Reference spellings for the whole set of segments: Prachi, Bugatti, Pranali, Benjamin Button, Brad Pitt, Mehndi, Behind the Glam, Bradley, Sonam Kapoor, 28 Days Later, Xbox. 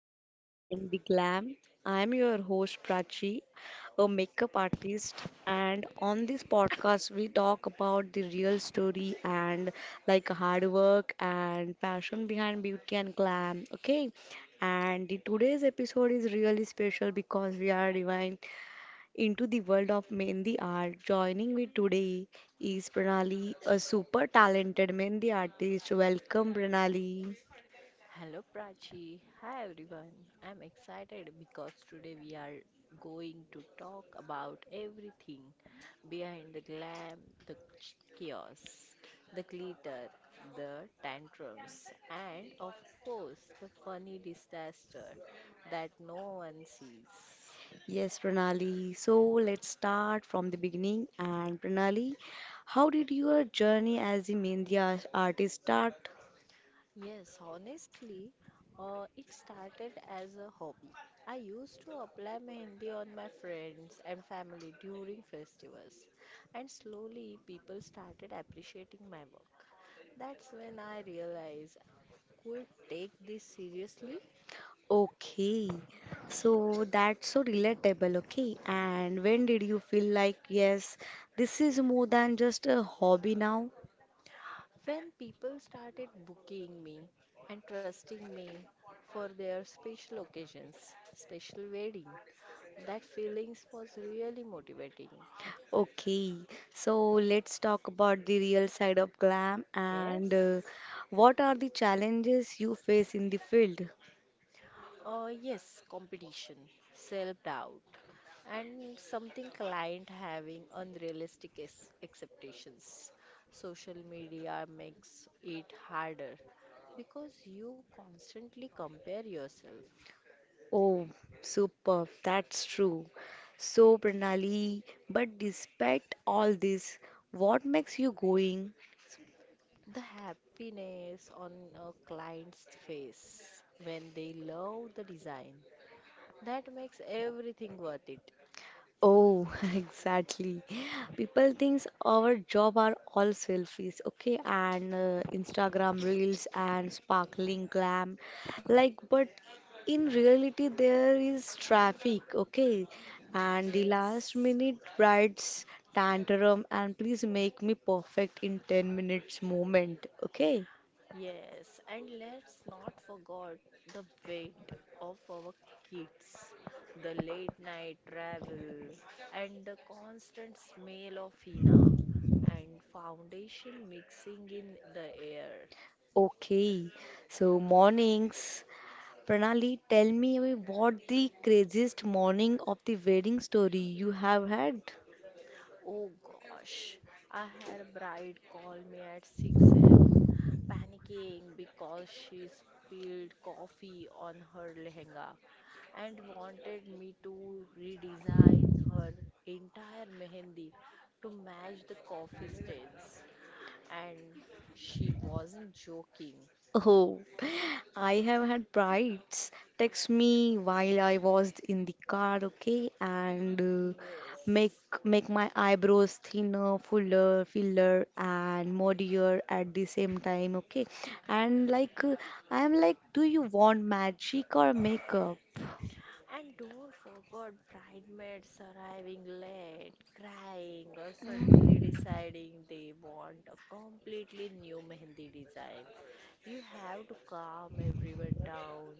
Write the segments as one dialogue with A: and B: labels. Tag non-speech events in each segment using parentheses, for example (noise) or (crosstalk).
A: back to Behind the Glam. I am your host Prachi, a makeup artist, and on this podcast we talk about the real story and like hard work and passion behind beauty and glam. Okay? And the today's episode is really special because we are divine into the world of Mehndi art. Joining me today is Pranali, a super talented Mehndi artist. Welcome Pranali.
B: Hello Prachi. Hi everyone. I'm excited because today we are going to talk about everything behind the glam, the chaos, the glitter, the tantrums, and of course, the funny disaster that no one sees.
A: Yes, Pranali. So let's start from the beginning. And Pranali, how did your journey as a Mehndi artist start?
B: Yes, honestly, it started as a hobby. I used to apply mehendi on my friends and family during festivals, and slowly people started appreciating my work. That's when I realized I could take this seriously.
A: Okay, so that's so relatable. Okay, and when did you feel like, yes, this is more than just a hobby now?
B: When people started booking me and trusting me for their special occasions, special wedding, that feelings was really motivating.
A: Okay, so let's talk about the real side of glam and
B: Yes.
A: what are the challenges you face in the field?
B: Yes, competition, self-doubt, and something client having unrealistic expectations. Social media makes it harder because you constantly compare yourself.
A: Oh, superb. That's true. So, Pranali, but despite all this, what makes you going?
B: The happiness on a client's face when they love the design, that makes everything worth it.
A: Oh, (laughs) exactly. People thinks our job are all selfies, okay, and Instagram reels and sparkling glam, like, but in reality there is traffic, okay, and the last
B: Yes,
A: minute brides tantrum and please make me perfect in 10 minutes moment, okay.
B: yes, and let's not forget the weight of our kids, the late night travel, and the constant smell of henna and foundation mixing in the air.
A: Okay, so mornings. Pranali, tell me what the craziest morning of the wedding story you have had?
B: Oh gosh, I had a bride call me at 6 a.m. panicking because she spilled coffee on her lehenga and wanted me to redesign her entire mehendi to match the coffee stains. And she wasn't joking.
A: Oh, I have had brides text me while I was in the car, okay, and make
B: Yes.
A: make my eyebrows thinner, fuller, filler, and muddier at the same time, okay. And like, I am like, do you want magic or makeup?
B: And don't forget bridesmaids arriving late, crying, or suddenly deciding they want a completely new mehendi design. You have to calm everyone down,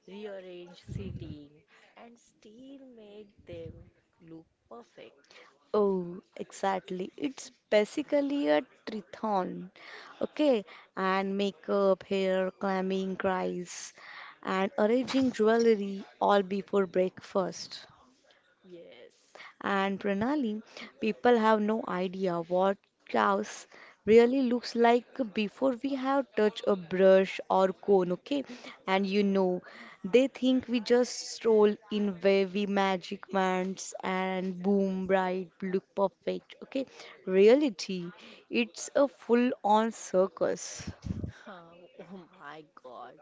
B: rearrange seating, and still make them look perfect.
A: Oh, exactly. It's basically a triathlon. Okay, and makeup, hair, climbing, cries, and arranging jewelry all before breakfast.
B: Yes.
A: And Pranali, people have no idea what chaos really looks like before we have touched a brush or cone, okay? And you know, they think we just stroll in wavy magic wands and boom, bright, look perfect, okay? Reality, it's a full-on circus.
B: (laughs) Oh my God.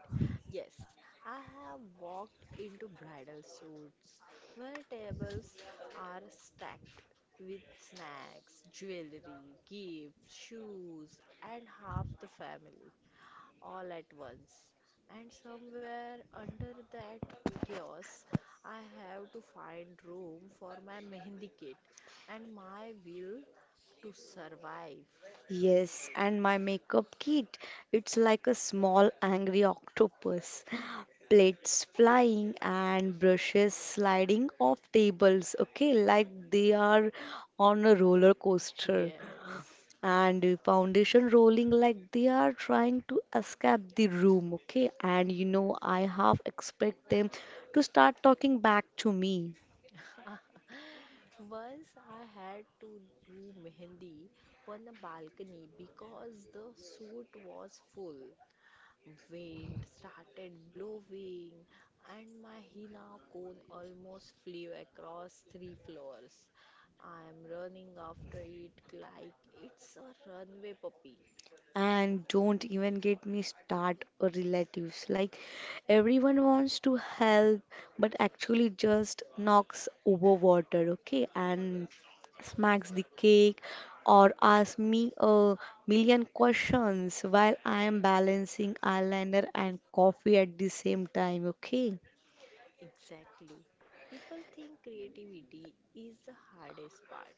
B: Yes, I have walked into bridal suits where tables are stacked with snacks, jewelry, gifts, shoes, and half the family, all at once. And somewhere under that chaos, I have to find room for my (laughs) mehendi kit and my will to survive.
A: Yes, and my makeup kit, it's like a small angry octopus. Plates flying and brushes sliding off tables, okay, like they are on a roller coaster.
B: Yes.
A: And foundation rolling like they are trying to escape the room, okay. And you know, I half expect them to start talking back to me.
B: Once I had to do mehendi on the balcony because the suit was full. Wind started blowing, and my henna cone almost flew across 3 floors. I'm running after it like it's a runway puppy.
A: And don't even get me start or relatives. Like everyone wants to help, but actually just knocks over water, okay? And smacks the cake or asks me a million questions while I am balancing eyeliner and coffee at the same time, okay?
B: Exactly. People think creativity is the hardest part.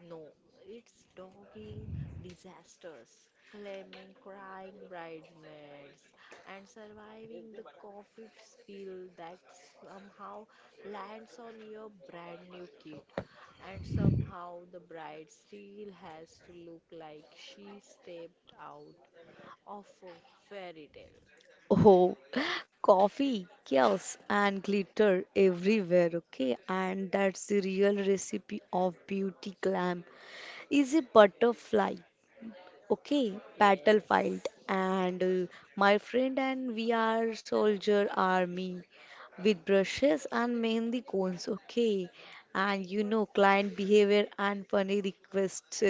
B: No, it's dogging disasters, claiming crying bridesmaids, and surviving the coffee spill that somehow lands on your brand new kit. And somehow the bride still has to look like she stepped out of a fairy tale.
A: Oh, (laughs) coffee, chaos, and glitter everywhere, okay? And that's the real recipe of beauty glam. Is a butterfly okay battlefield
B: Yes.
A: and my friend and we are soldier army with brushes and mainly cones okay and you know client behavior and funny requests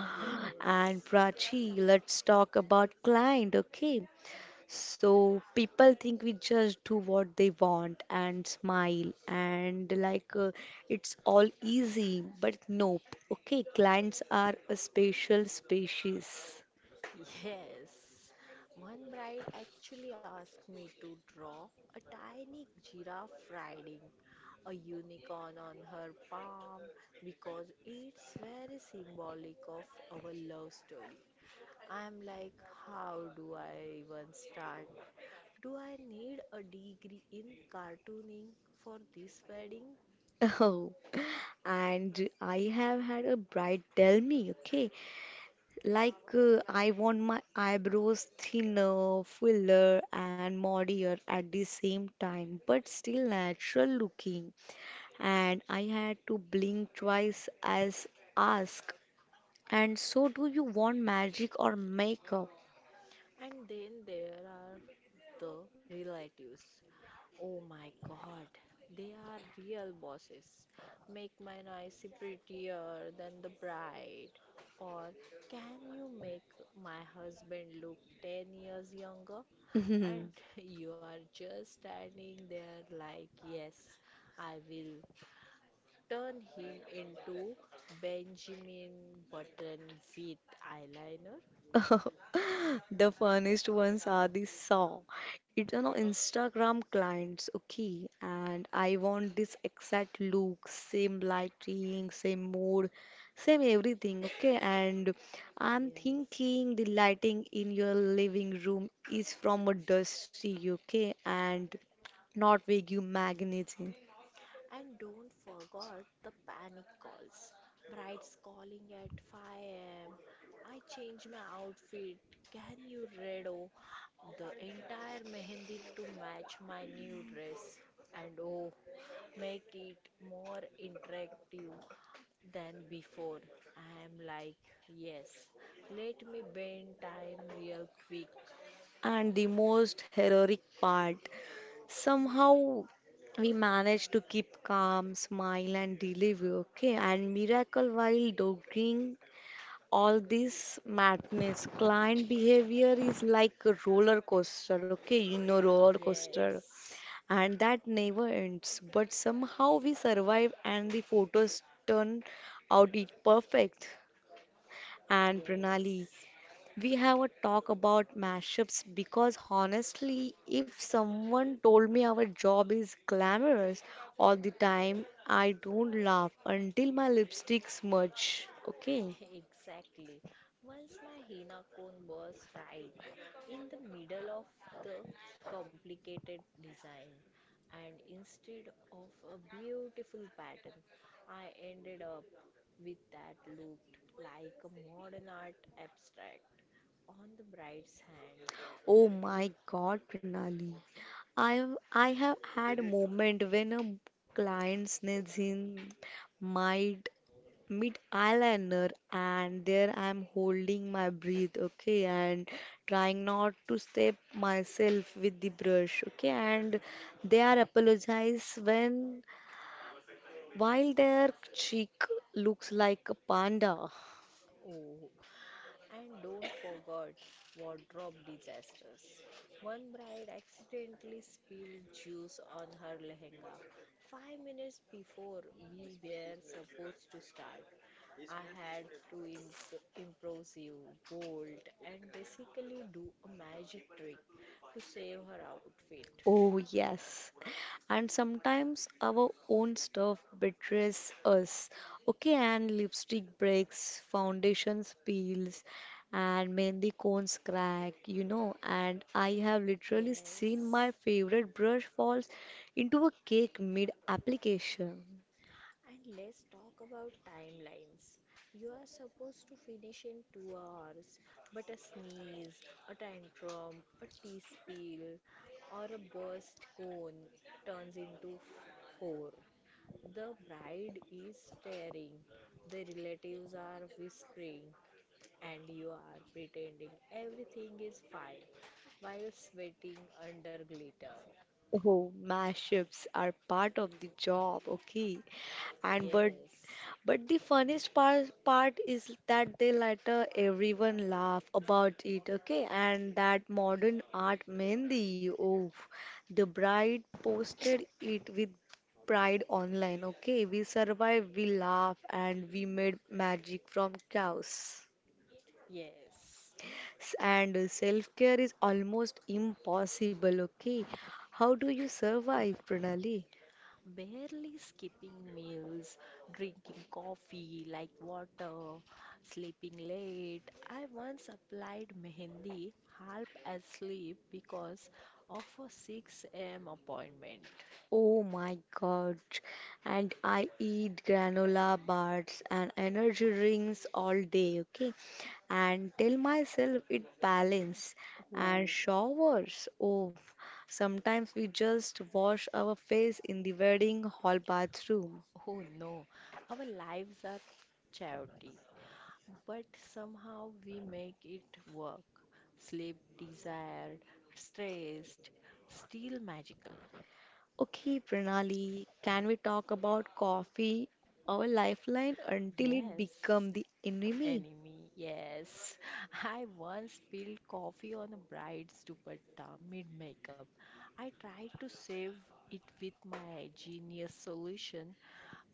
A: (gasps) and
B: Yes.
A: prachi let's talk about client okay so people think we just do what they want and smile and like it's all easy, but nope. Okay, clients are a special species.
B: Yes. One bride actually asked me to draw a tiny giraffe riding a unicorn on her palm because it's very symbolic of our love story. I'm like, how do I even start? Do I need a degree in cartooning for this wedding?
A: (laughs) Oh, and I have had a bride tell me, okay, like I want my eyebrows thinner, fuller, and modier at the same time, but still natural looking. And I had to blink twice as ask And so, do you want magic or makeup?
B: And then there are the relatives. Oh my God, they are real bosses. Make my nice prettier than the bride. Or can you make my husband look 10 years younger? And
A: (laughs)
B: (laughs) you are just standing there like, yes, I will turn him into Benjamin Button with eyeliner.
A: The funniest ones are the saw. It's on our Instagram clients, okay? And I want this exact look, same lighting, same mood, same everything, okay? And I'm
B: Yes.
A: thinking the lighting in your living room is from a dusty, okay? And not vacuum magnetism.
B: And don't forget the panic calls. Brides calling at 5 am. I changed my outfit. Can you redo the entire mehendi to match my new dress? And oh, make it more interactive than before. I am like, yes, let me bend time real quick.
A: And the most heroic part. Somehow we managed to keep calm, smile, and deliver, okay? And miracle while dogging all this madness. Client behavior is like a roller coaster, okay? You know, roller coaster.
B: Yes,
A: And that never ends. But somehow we survive, and the photos turn out it perfect. And
B: yes.
A: Pranali, we have a talk about mashups because honestly, if someone told me our job is glamorous all the time, I don't laugh until my lipstick smudge. Okay.
B: Exactly. Once my henna cone was right in the middle of the complicated design, and instead of a beautiful pattern, I ended up with that looked like a modern art abstract on the bride's hand.
A: Oh my God, Prinali. I I have had a moment when a client sneezes in mid mid eyeliner and there I'm holding my breath, okay, and trying not to step myself with the brush, okay, and they are apologize when while their cheek looks like a panda.
B: Oh, and don't forget wardrobe disasters. One bride accidentally spilled juice on her lehenga. 5 minutes before we were supposed to start, I had to improvise, bolt, and basically do a magic trick to save her outfit.
A: Oh, yes. And sometimes our own stuff betrays us. Okay, and lipstick breaks, foundations peels, and mehndi cones crack, you know. And I have literally seen
B: Yes.
A: my favorite brush falls into a cake mid-application.
B: And let's talk about timelines. You are supposed to finish in 2 hours, but a sneeze, a tantrum, a tea spill, or a burst cone turns into four. The bride is staring, the relatives are whispering, and you are pretending everything is fine while sweating under glitter.
A: Oh, mashups are part of the job, okay? And
B: Yes,
A: but the funniest part is that they later everyone laugh about it, okay? And that modern art Mehndi, oh, the bride posted it with pride online, okay? We survived, we laugh, and we made magic from chaos.
B: yes.
A: And self-care is almost impossible, okay? How do you survive, Pranali?
B: Barely skipping meals, drinking coffee like water, sleeping late. I once applied mehendi half asleep because of a 6 a.m. appointment.
A: Oh my god. And I eat granola bars and energy drinks all day, okay? And tell myself it balance and
B: Oh,
A: showers. Oh, sometimes we just wash our face in the wedding hall bathroom.
B: oh no, our lives are charity, but somehow we make it work. Sleep desired, stressed, still magical.
A: Okay, Pranali, can we talk about coffee, our lifeline, until it
B: Yes.
A: become the enemy?
B: Enemy, yes. I once spilled coffee on a bride's dupatta mid makeup. I tried to save it with my genius solution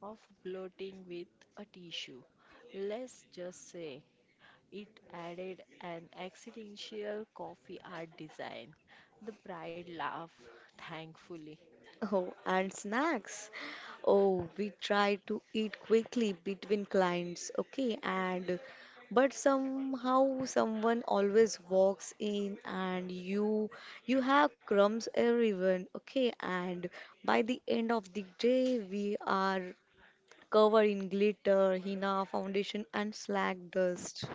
B: of blotting with a tissue. Let's just say it added an accidental coffee art design. The bride laughed, thankfully.
A: Oh, and snacks. Oh, we try to eat quickly between clients, okay, and but somehow someone always walks in and you have crumbs everyone, okay, and by the end of the day we are covered in glitter, henna, foundation and slag dust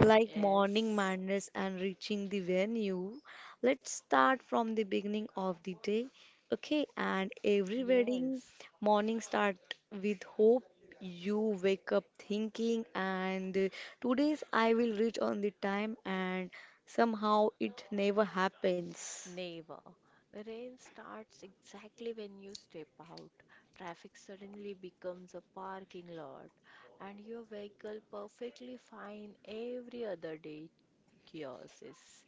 A: like morning
B: Yes,
A: madness and reaching the venue. Let's start from the beginning of the day. Okay, and every wedding
B: yes.
A: morning start with hope. You wake up thinking, and today's I will reach on the time, and somehow it never happens.
B: Never. Rain starts exactly when you step out. Traffic suddenly becomes a parking lot, and your vehicle perfectly fine every other day chaoses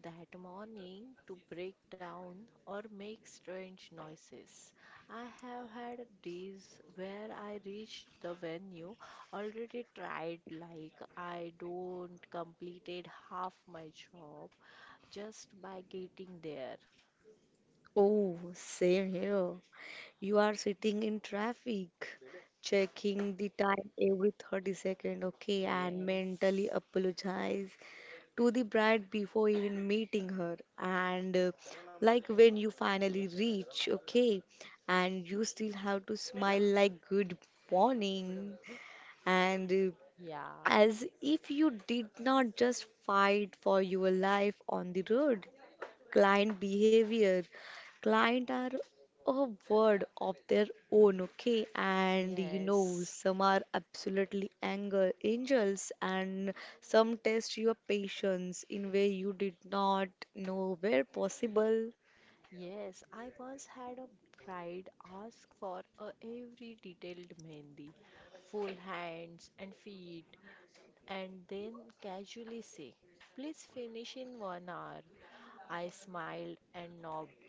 B: that morning to break down or make strange noises. I have had days where I reached the venue already tried like I don't completed half my job just by getting there.
A: Oh, same here. You are sitting in traffic, checking the time every 30-second, okay, and
B: Yes.
A: mentally apologize to the bride before even meeting her and like when you finally reach okay and you still have to smile like good morning and
B: Yeah.
A: as if you did not just fight for your life on the road client behavior. Client are a word of their own, okay? And you know,
B: Yes.
A: some are absolutely anger angels, and some test your patience in way you did not know were possible.
B: Yes, I once had a bride ask for a every detailed mehndi, full hands and feet, and then casually say, "Please finish in 1 hour." I smiled and nodded,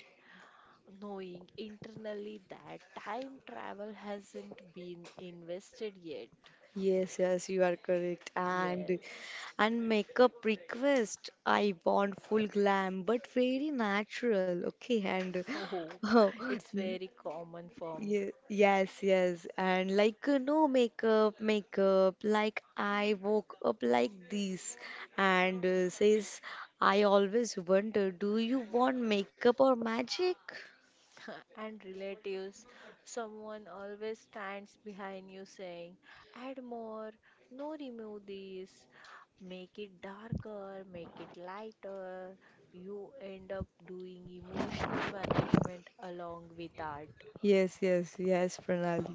B: knowing internally that time travel hasn't been invested yet.
A: Yes, yes, you are correct. And
B: Yes. (laughs)
A: and makeup request. I want full glam, but very natural. Okay, and (laughs)
B: Oh,
A: oh.
B: it's very common for
A: Yes, yes, and like no makeup, makeup. Like I woke up like this, and says, I always wonder, do you want makeup or magic?
B: (laughs) and relatives. Someone always stands behind you saying, add more, no remove this, make it darker, make it lighter. You end up doing emotional management along with art.
A: Yes, yes, yes, Pranali.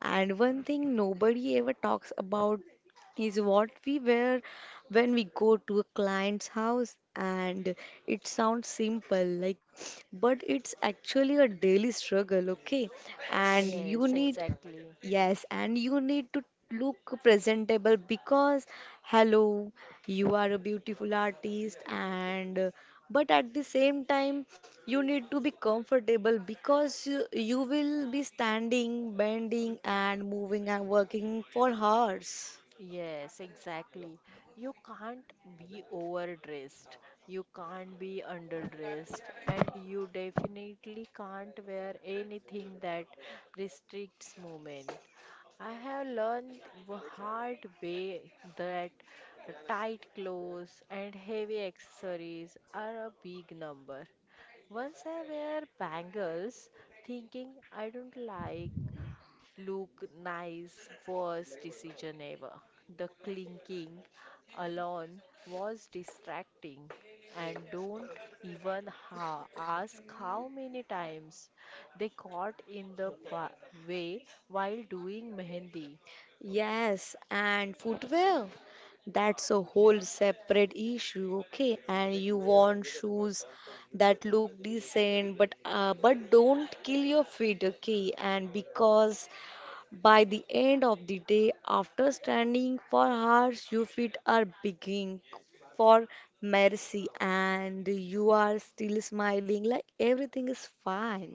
A: And one thing nobody ever talks about is what we wear when we go to a client's house. And it sounds simple, like, but it's actually a daily struggle, okay? And you
B: Yes,
A: need
B: exactly.
A: Yes, and you need to look presentable because, hello, you are a beautiful artist, and but at the same time, you need to be comfortable because you will be standing, bending, and moving and working for hours.
B: Yes, exactly. You can't be overdressed, you can't be underdressed, and you definitely can't wear anything that restricts movement. I have learned the hard way that tight clothes and heavy accessories are a big number. Once I wear bangles, thinking I don't like look, nice. Worst decision ever. The clinking alone was distracting, and don't even ask how many times they got in the way while doing mehendi.
A: Yes, and footwear. That's a whole separate issue, okay? And you want shoes that look decent, but don't kill your feet, okay? And because by the end of the day, after standing for hours, your feet are begging for mercy, and you are still smiling like everything is fine.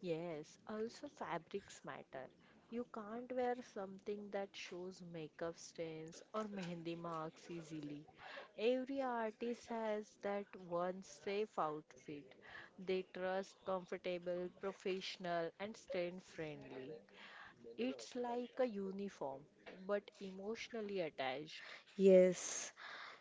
B: Yes, also fabrics matter. You can't wear something that shows makeup stains or mehendi marks easily. Every artist has that one safe outfit. They trust comfortable, professional, and stain friendly. It's like a uniform, but emotionally attached.
A: Yes.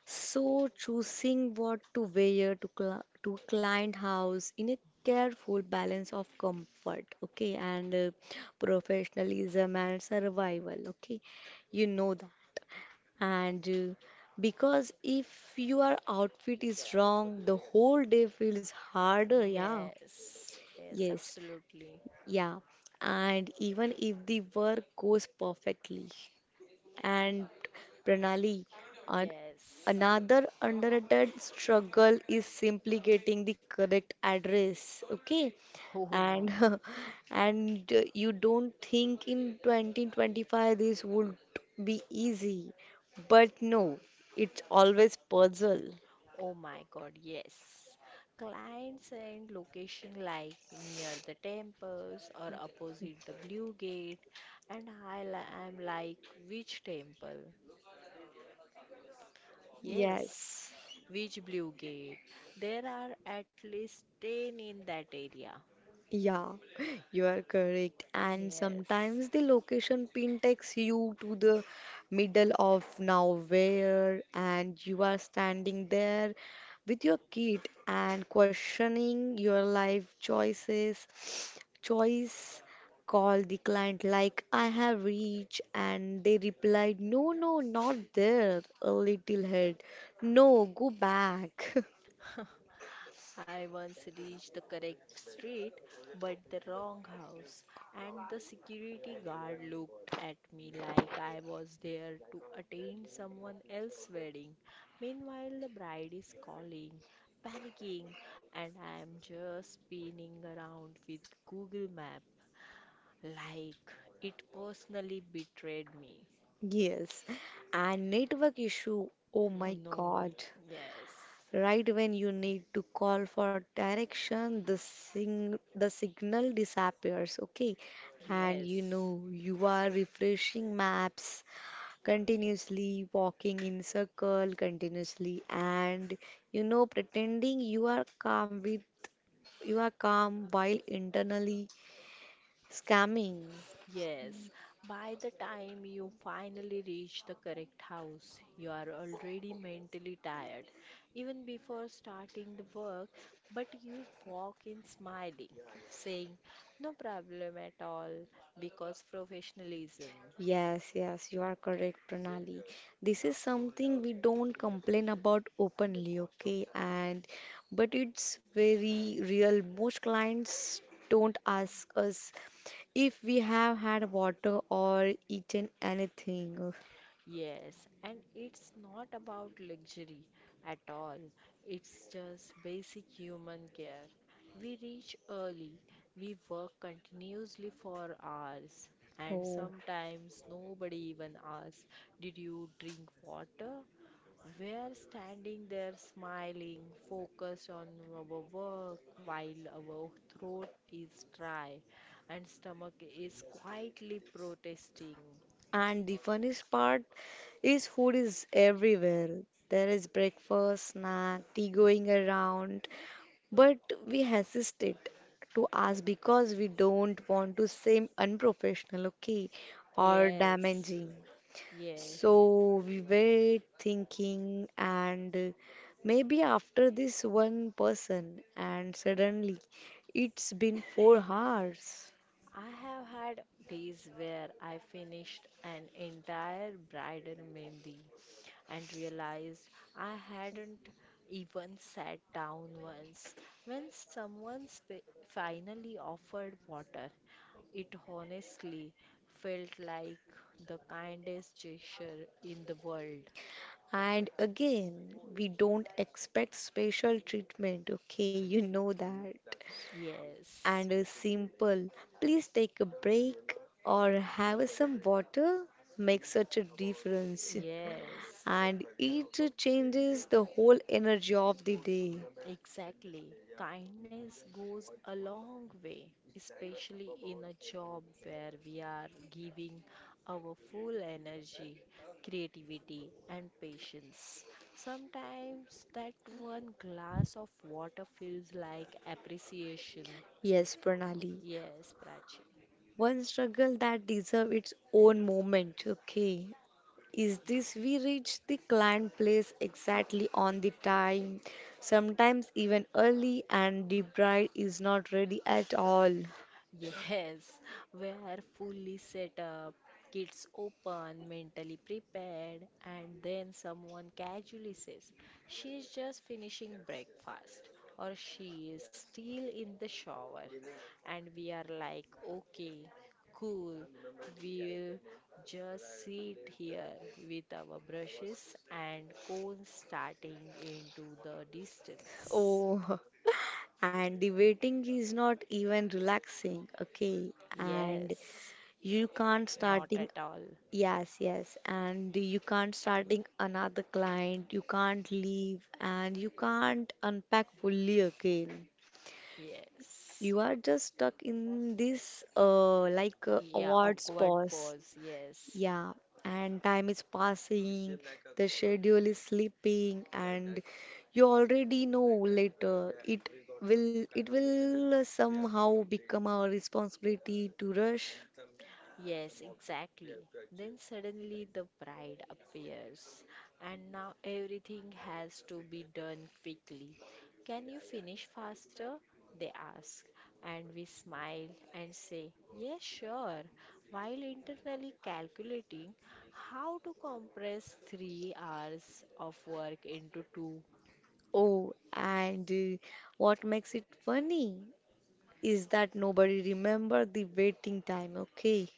A: So, choosing what to wear to, to client house in a careful balance of comfort, okay, and professionalism and survival, okay, you know that. And because if your outfit is wrong, the whole day feels harder, yeah,
B: Yes, yes,
A: yes,
B: absolutely.
A: yeah. And even if the work goes perfectly. And Pranali, an-
B: Yes.
A: another underrated struggle is simply getting the correct address. Okay,
B: Oh
A: and
B: no.
A: (laughs) and you don't think in 2025 this would be easy, but no, it's always puzzle.
B: Oh my God, yes. Clients and location like near the temples or opposite the blue gate, and I'm like, which temple? Yes,
A: Yes.
B: which blue gate? There are at least 10 in that area.
A: Yeah, (laughs) you are correct. And
B: Yes.
A: sometimes the location pin takes you to the middle of nowhere, and you are standing there with your kid and questioning your life choices. (sniffs) Choice call the client like I have reached, and they replied, No, no, not there, a little head. No, go back. (laughs)
B: I once reached the correct street but the wrong house, and the security guard looked at me like I was there to attend someone else's wedding. Meanwhile, the bride is calling, panicking, and I am just spinning around with Google Map like it personally betrayed me.
A: Yes, and network issue. Oh
B: Oh
A: my God.
B: no, yes,
A: Right when you need to call for direction, the sing the signal disappears, okay? And you
B: yes.
A: know you are refreshing maps continuously, walking in circle continuously, and you know pretending you are calm while internally scamming.
B: Yes, by the time you finally reach the correct house, you are already mentally tired, even before starting the work. But you walk in smiling, saying, no problem at all, because professionalism.
A: Yes, yes, you are correct, Pranali. This is something we don't complain about openly, okay? And but it's very real. Most clients don't ask us if we have had water or eaten anything.
B: Yes, and it's not about luxury at all. It's just basic human care. We reach early, we work continuously for hours, and
A: Oh,
B: sometimes nobody even asks, did you drink water? We're standing there smiling, focused on our work while our throat is dry and stomach is quietly protesting.
A: and the funniest part is food is everywhere. There is breakfast, snack, tea going around, But we hesitate to ask because we don't want to seem unprofessional, okay, or
B: Yes,
A: damaging.
B: yes.
A: So we wait thinking, and maybe after this one person, and suddenly it's been 4 hours.
B: I have had days where I finished an entire bridal mehndi and realized I hadn't even sat down once. When someone finally offered water, it honestly felt like the kindest gesture in the world.
A: And again, we don't expect special treatment, okay, (laughs) you know that.
B: Yes,
A: And simple. Please take a break or have some water. Makes such a difference.
B: yes.
A: And it changes the whole energy of the day.
B: Exactly. Kindness goes a long way, especially in a job where we are giving our full energy, creativity, and patience. Sometimes that one glass of water feels like appreciation.
A: Yes, Pranali.
B: Yes, Prachi.
A: One struggle that deserves its own moment. Okay. Is this we reach the client place exactly on the time, sometimes even early, and the bride is not ready at all.
B: Yes, (laughs) where fully set up, kids open, mentally prepared, and then someone casually says, she's just finishing breakfast, or she is still in the shower. And we are like, okay, cool, we'll just sit here with our brushes and cones starting into the distance.
A: Oh, (laughs) and the waiting is not even relaxing, okay? And
B: Yes,
A: you can't
B: not
A: starting.
B: at all.
A: Yes, yes. And you can't starting another client, you can't leave, and you can't unpack fully again.
B: Yes.
A: You are just stuck in this
B: Yeah,
A: awards
B: awkward
A: pause.
B: pause. Yes.
A: Yeah, and time is passing, the schedule is slipping, and you already know later it will somehow become our responsibility to rush.
B: Yes, exactly. Then suddenly the bride appears, and now everything has to be done quickly. Can you finish faster? They ask, and we smile and say, yes, sure, while internally calculating how to compress 3 hours of work into 2.
A: Oh, and what makes it funny is that nobody remember the waiting time, okay?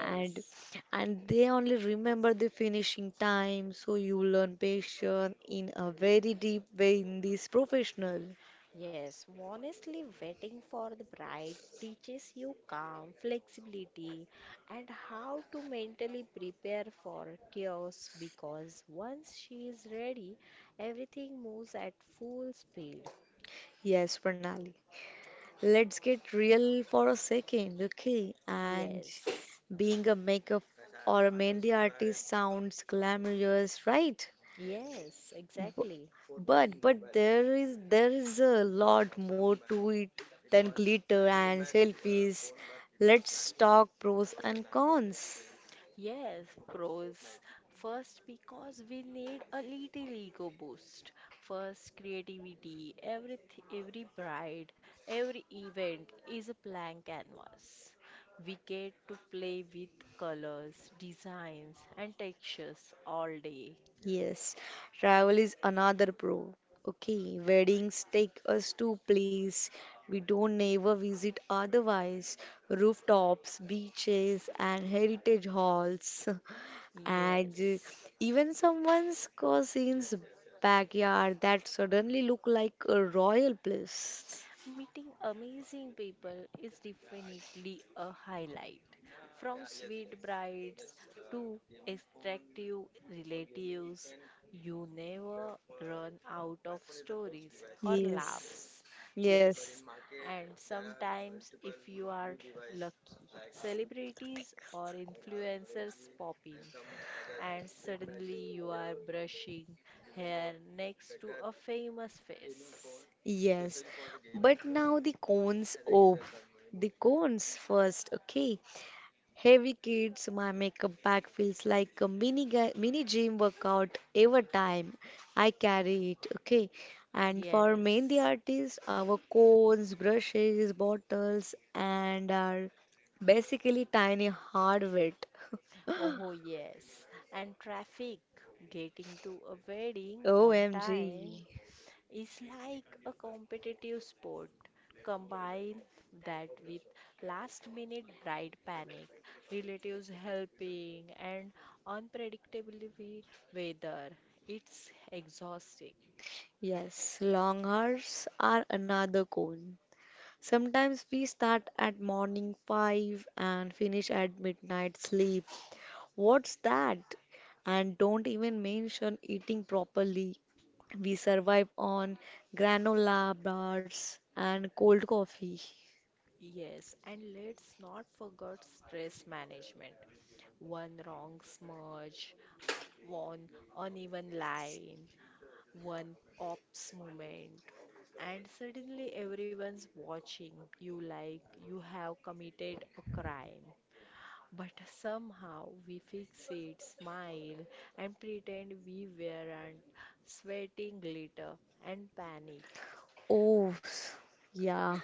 A: And and they only remember the finishing time, so you learn patience in a very deep way in this professional.
B: Yes, honestly, waiting for the bride teaches you calm, flexibility, and how to mentally prepare for chaos because once she is ready, everything moves at full speed.
A: Yes, Pranali. Let's get real for a second, okay? And
B: Yes,
A: being a makeup or a Mehndi artist sounds glamorous, right?
B: yes,
A: B-
B: exactly.
A: but there is a lot more to it than glitter and selfies. Let's talk pros and cons.
B: Yes, pros. First, because we need a little ego boost. First, creativity. Every bride, every event is a blank canvas. We get to play with colors, designs, and textures all day.
A: Yes, travel is another pro. Okay, weddings take us to place we don't never visit otherwise. Rooftops, beaches, and heritage halls, (laughs) and
B: Yes.
A: even someone's cousin's backyard that suddenly look like a royal place.
B: Meeting amazing people is definitely a highlight. From sweet brides to attractive relatives, you never run out of stories or
A: Yes,
B: laughs.
A: yes.
B: Yes, and sometimes, if you are lucky, celebrities or influencers pop in, and suddenly you are brushing hair next to a famous face.
A: Yes, but now the cones. Oh, the cones first. Okay, heavy kids. My makeup bag feels like a mini gym workout every time I carry it. Okay, and for mehndi
B: Yes.
A: artists, our cones, brushes, bottles, and are basically tiny hardware. (laughs)
B: Oh, yes. And traffic, getting to a wedding on time
A: OMG.
B: is like a competitive sport. Combine that with last minute bride panic, relatives helping, and unpredictability weather. It's exhausting.
A: Yes, long hairs are another cone. Sometimes we start at morning 5 and finish at midnight sleep. What's that? And don't even mention eating properly. We survive on granola bars and cold coffee.
B: Yes, and let's not forget stress management. One wrong smudge, one uneven line, one ops moment and suddenly everyone's watching you like you have committed a crime but somehow we fix it smile and pretend we weren't sweating glitter and panic.
A: Oh, s- yeah.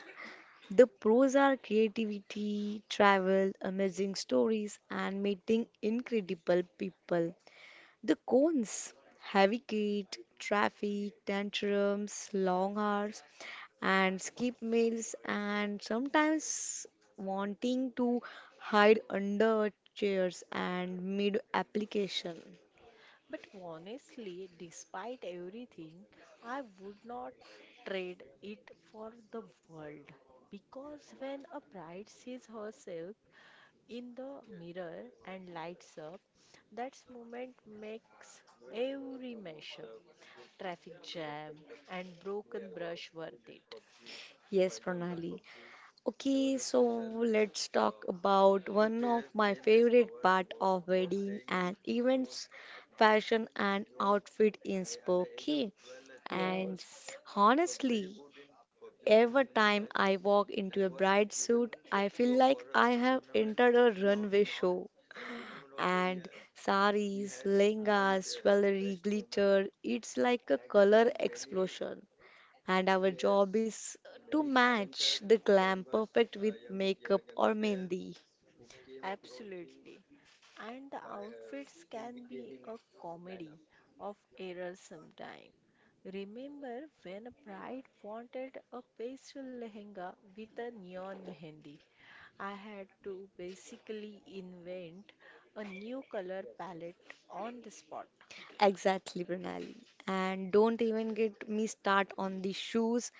A: The pros are creativity, travel, amazing stories, and meeting incredible people. The cones, heavy gate, traffic, tantrums, long hours, and skip meals, and sometimes wanting to hide under chairs and mid application.
B: But honestly despite everything I would not trade it for the world because when a bride sees herself in the mirror and lights up. That moment makes every mashup, traffic jam, and broken brush worth it.
A: Yes, Pranali. Okay, so let's talk about one of my favorite part of wedding and events, fashion and outfit inspo. Okay, and
B: Yes.
A: honestly, every time I walk into a bright suit, I feel like I have entered a runway show. And saris, lehengas, jewelry, glitter, it's like a color explosion. And our job is to match the glam perfect with makeup or mehendi.
B: Absolutely. And the outfits can be a comedy of errors sometime. Remember when a bride wanted a pastel lehenga with a neon mehendi? I had to basically invent a new color palette on the spot.
A: Exactly, Pranali. And don't even get me start on the shoes,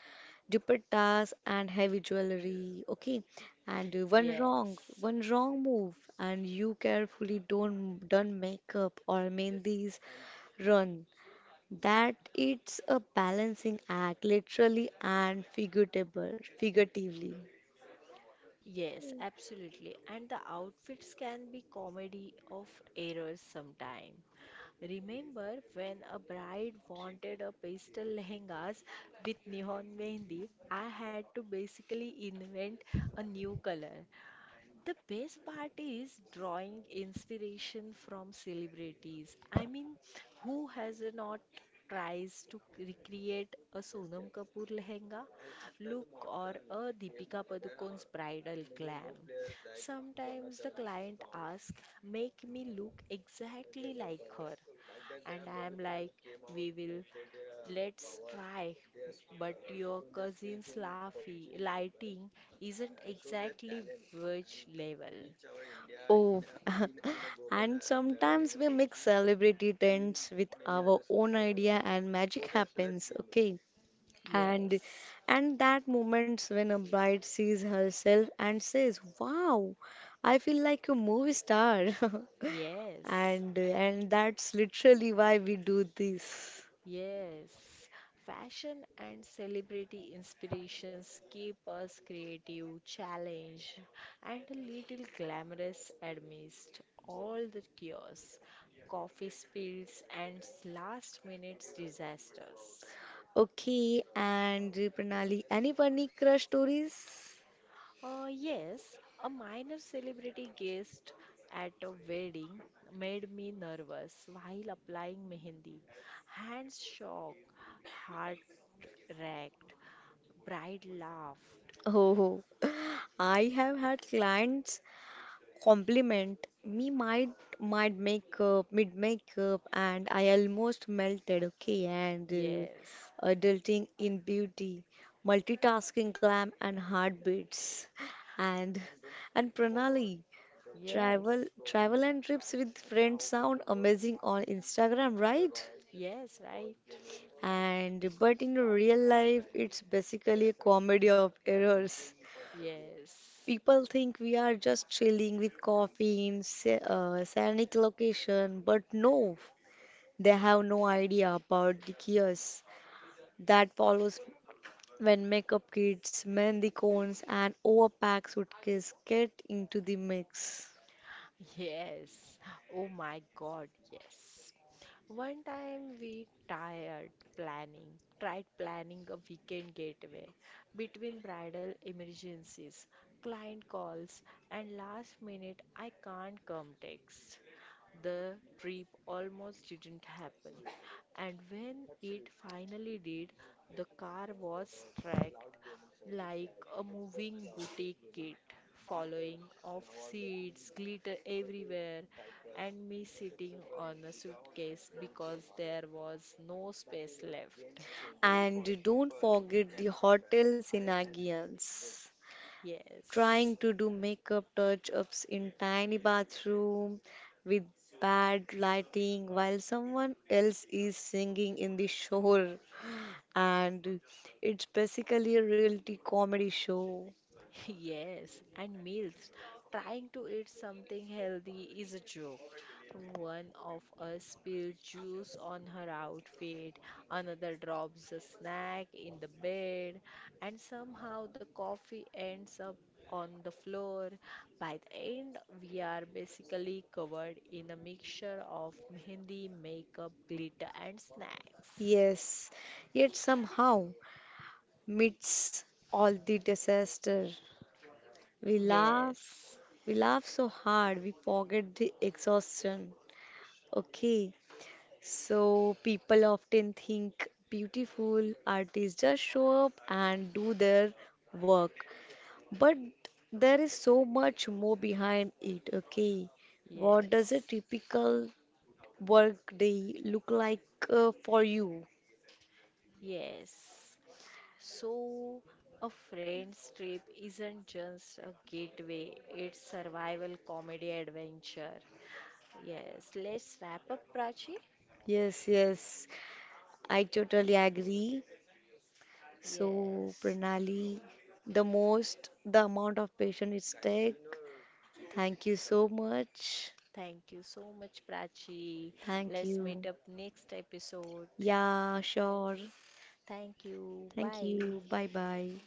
A: dupattas and heavy jewelry, okay? And
B: Yes.
A: one wrong move and you carefully don't done makeup or mehendis run, that it's a balancing act, literally and figuratively.
B: Yes, absolutely. And the outfits can be comedy of errors sometime. Remember when a bride wanted a pastel lehengas with neon mehendi, I had to basically invent a new color. The best part is drawing inspiration from celebrities. I mean, who has not tries to recreate a Sonam Kapoor lehenga look or a Deepika Padukone's bridal glam? Sometimes the client asks, "Make me look exactly like her." And I am like, we will, let's try. But your cousin's laughy, lighting isn't exactly which level.
A: Oh, (laughs) and sometimes we mix celebrity trends with our own idea, and magic happens. Okay, and
B: Yes,
A: and that moments when a bride sees herself and says, wow, I feel like a movie star. (laughs)
B: yes,
A: And that's literally why we do this.
B: yes. Fashion and celebrity inspirations keep us creative, challenged, and a little glamorous amidst all the chaos, coffee spills, and last minute disasters.
A: Okay, and Pranali, any funny crush stories? (laughs)
B: Yes, a minor celebrity guest at a wedding made me nervous while applying mehendi. Hands shook, heart racked, bride laughed.
A: Oh, I have had clients compliment me, might make up mid makeup, and I almost melted, okay? And
B: Yes,
A: adulting in beauty, multitasking glam and heartbeats. And and Pranali, travel
B: yes,
A: travel and trips with friends sound amazing on Instagram, right?
B: yes, right?
A: And but in real life it's basically a comedy of errors.
B: Yes.
A: People think we are just chilling with coffee in scenic location, but no, they have no idea about the chaos that follows when makeup kits, mehndi cones, and overpacked suitcase get into the mix.
B: Yes. Oh my God, yes. One time we tried planning a weekend getaway between bridal emergencies, client calls, and last minute I can't come text. The trip almost didn't happen. And when it finally did, the car was tracked like a moving boutique kit, following off seats, glitter everywhere, and me sitting on a suitcase because there was no space left.
A: And don't forget the hotel shenanigans.
B: Yes. (laughs)
A: Trying to do makeup touch ups in tiny bathroom with bad lighting while someone else is singing in the shower, and it's basically a reality comedy show.
B: Yes, and meals. Trying to eat something healthy is a joke. One of us spills juice on her outfit, another drops a snack in the bed, and somehow the coffee ends up on the floor. By the end, we are basically covered in a mixture of mehendi, makeup, glitter, and snacks.
A: Yes, yet somehow meets all the disaster, we laugh,
B: Yes,
A: we laugh so hard we forget the exhaustion. Okay, so people often think beautiful artists just show up and do their work, but there is so much more behind it, okay? What does a
B: yes.
A: typical work day look like, for you?
B: Yes. So, a friend's trip isn't just a getaway, it's survival comedy adventure. Yes. Let's wrap up, Prachi.
A: Yes, yes, I totally agree. So,
B: Yes.
A: Pranali, the most, the amount of patience it's take. Thank you so much.
B: Thank you so much, Prachi.
A: Thank
B: Let's
A: you.
B: meet up next episode.
A: Yeah,
B: Yes.
A: sure.
B: Thank you.
A: Thank
B: Bye.
A: you. Bye bye.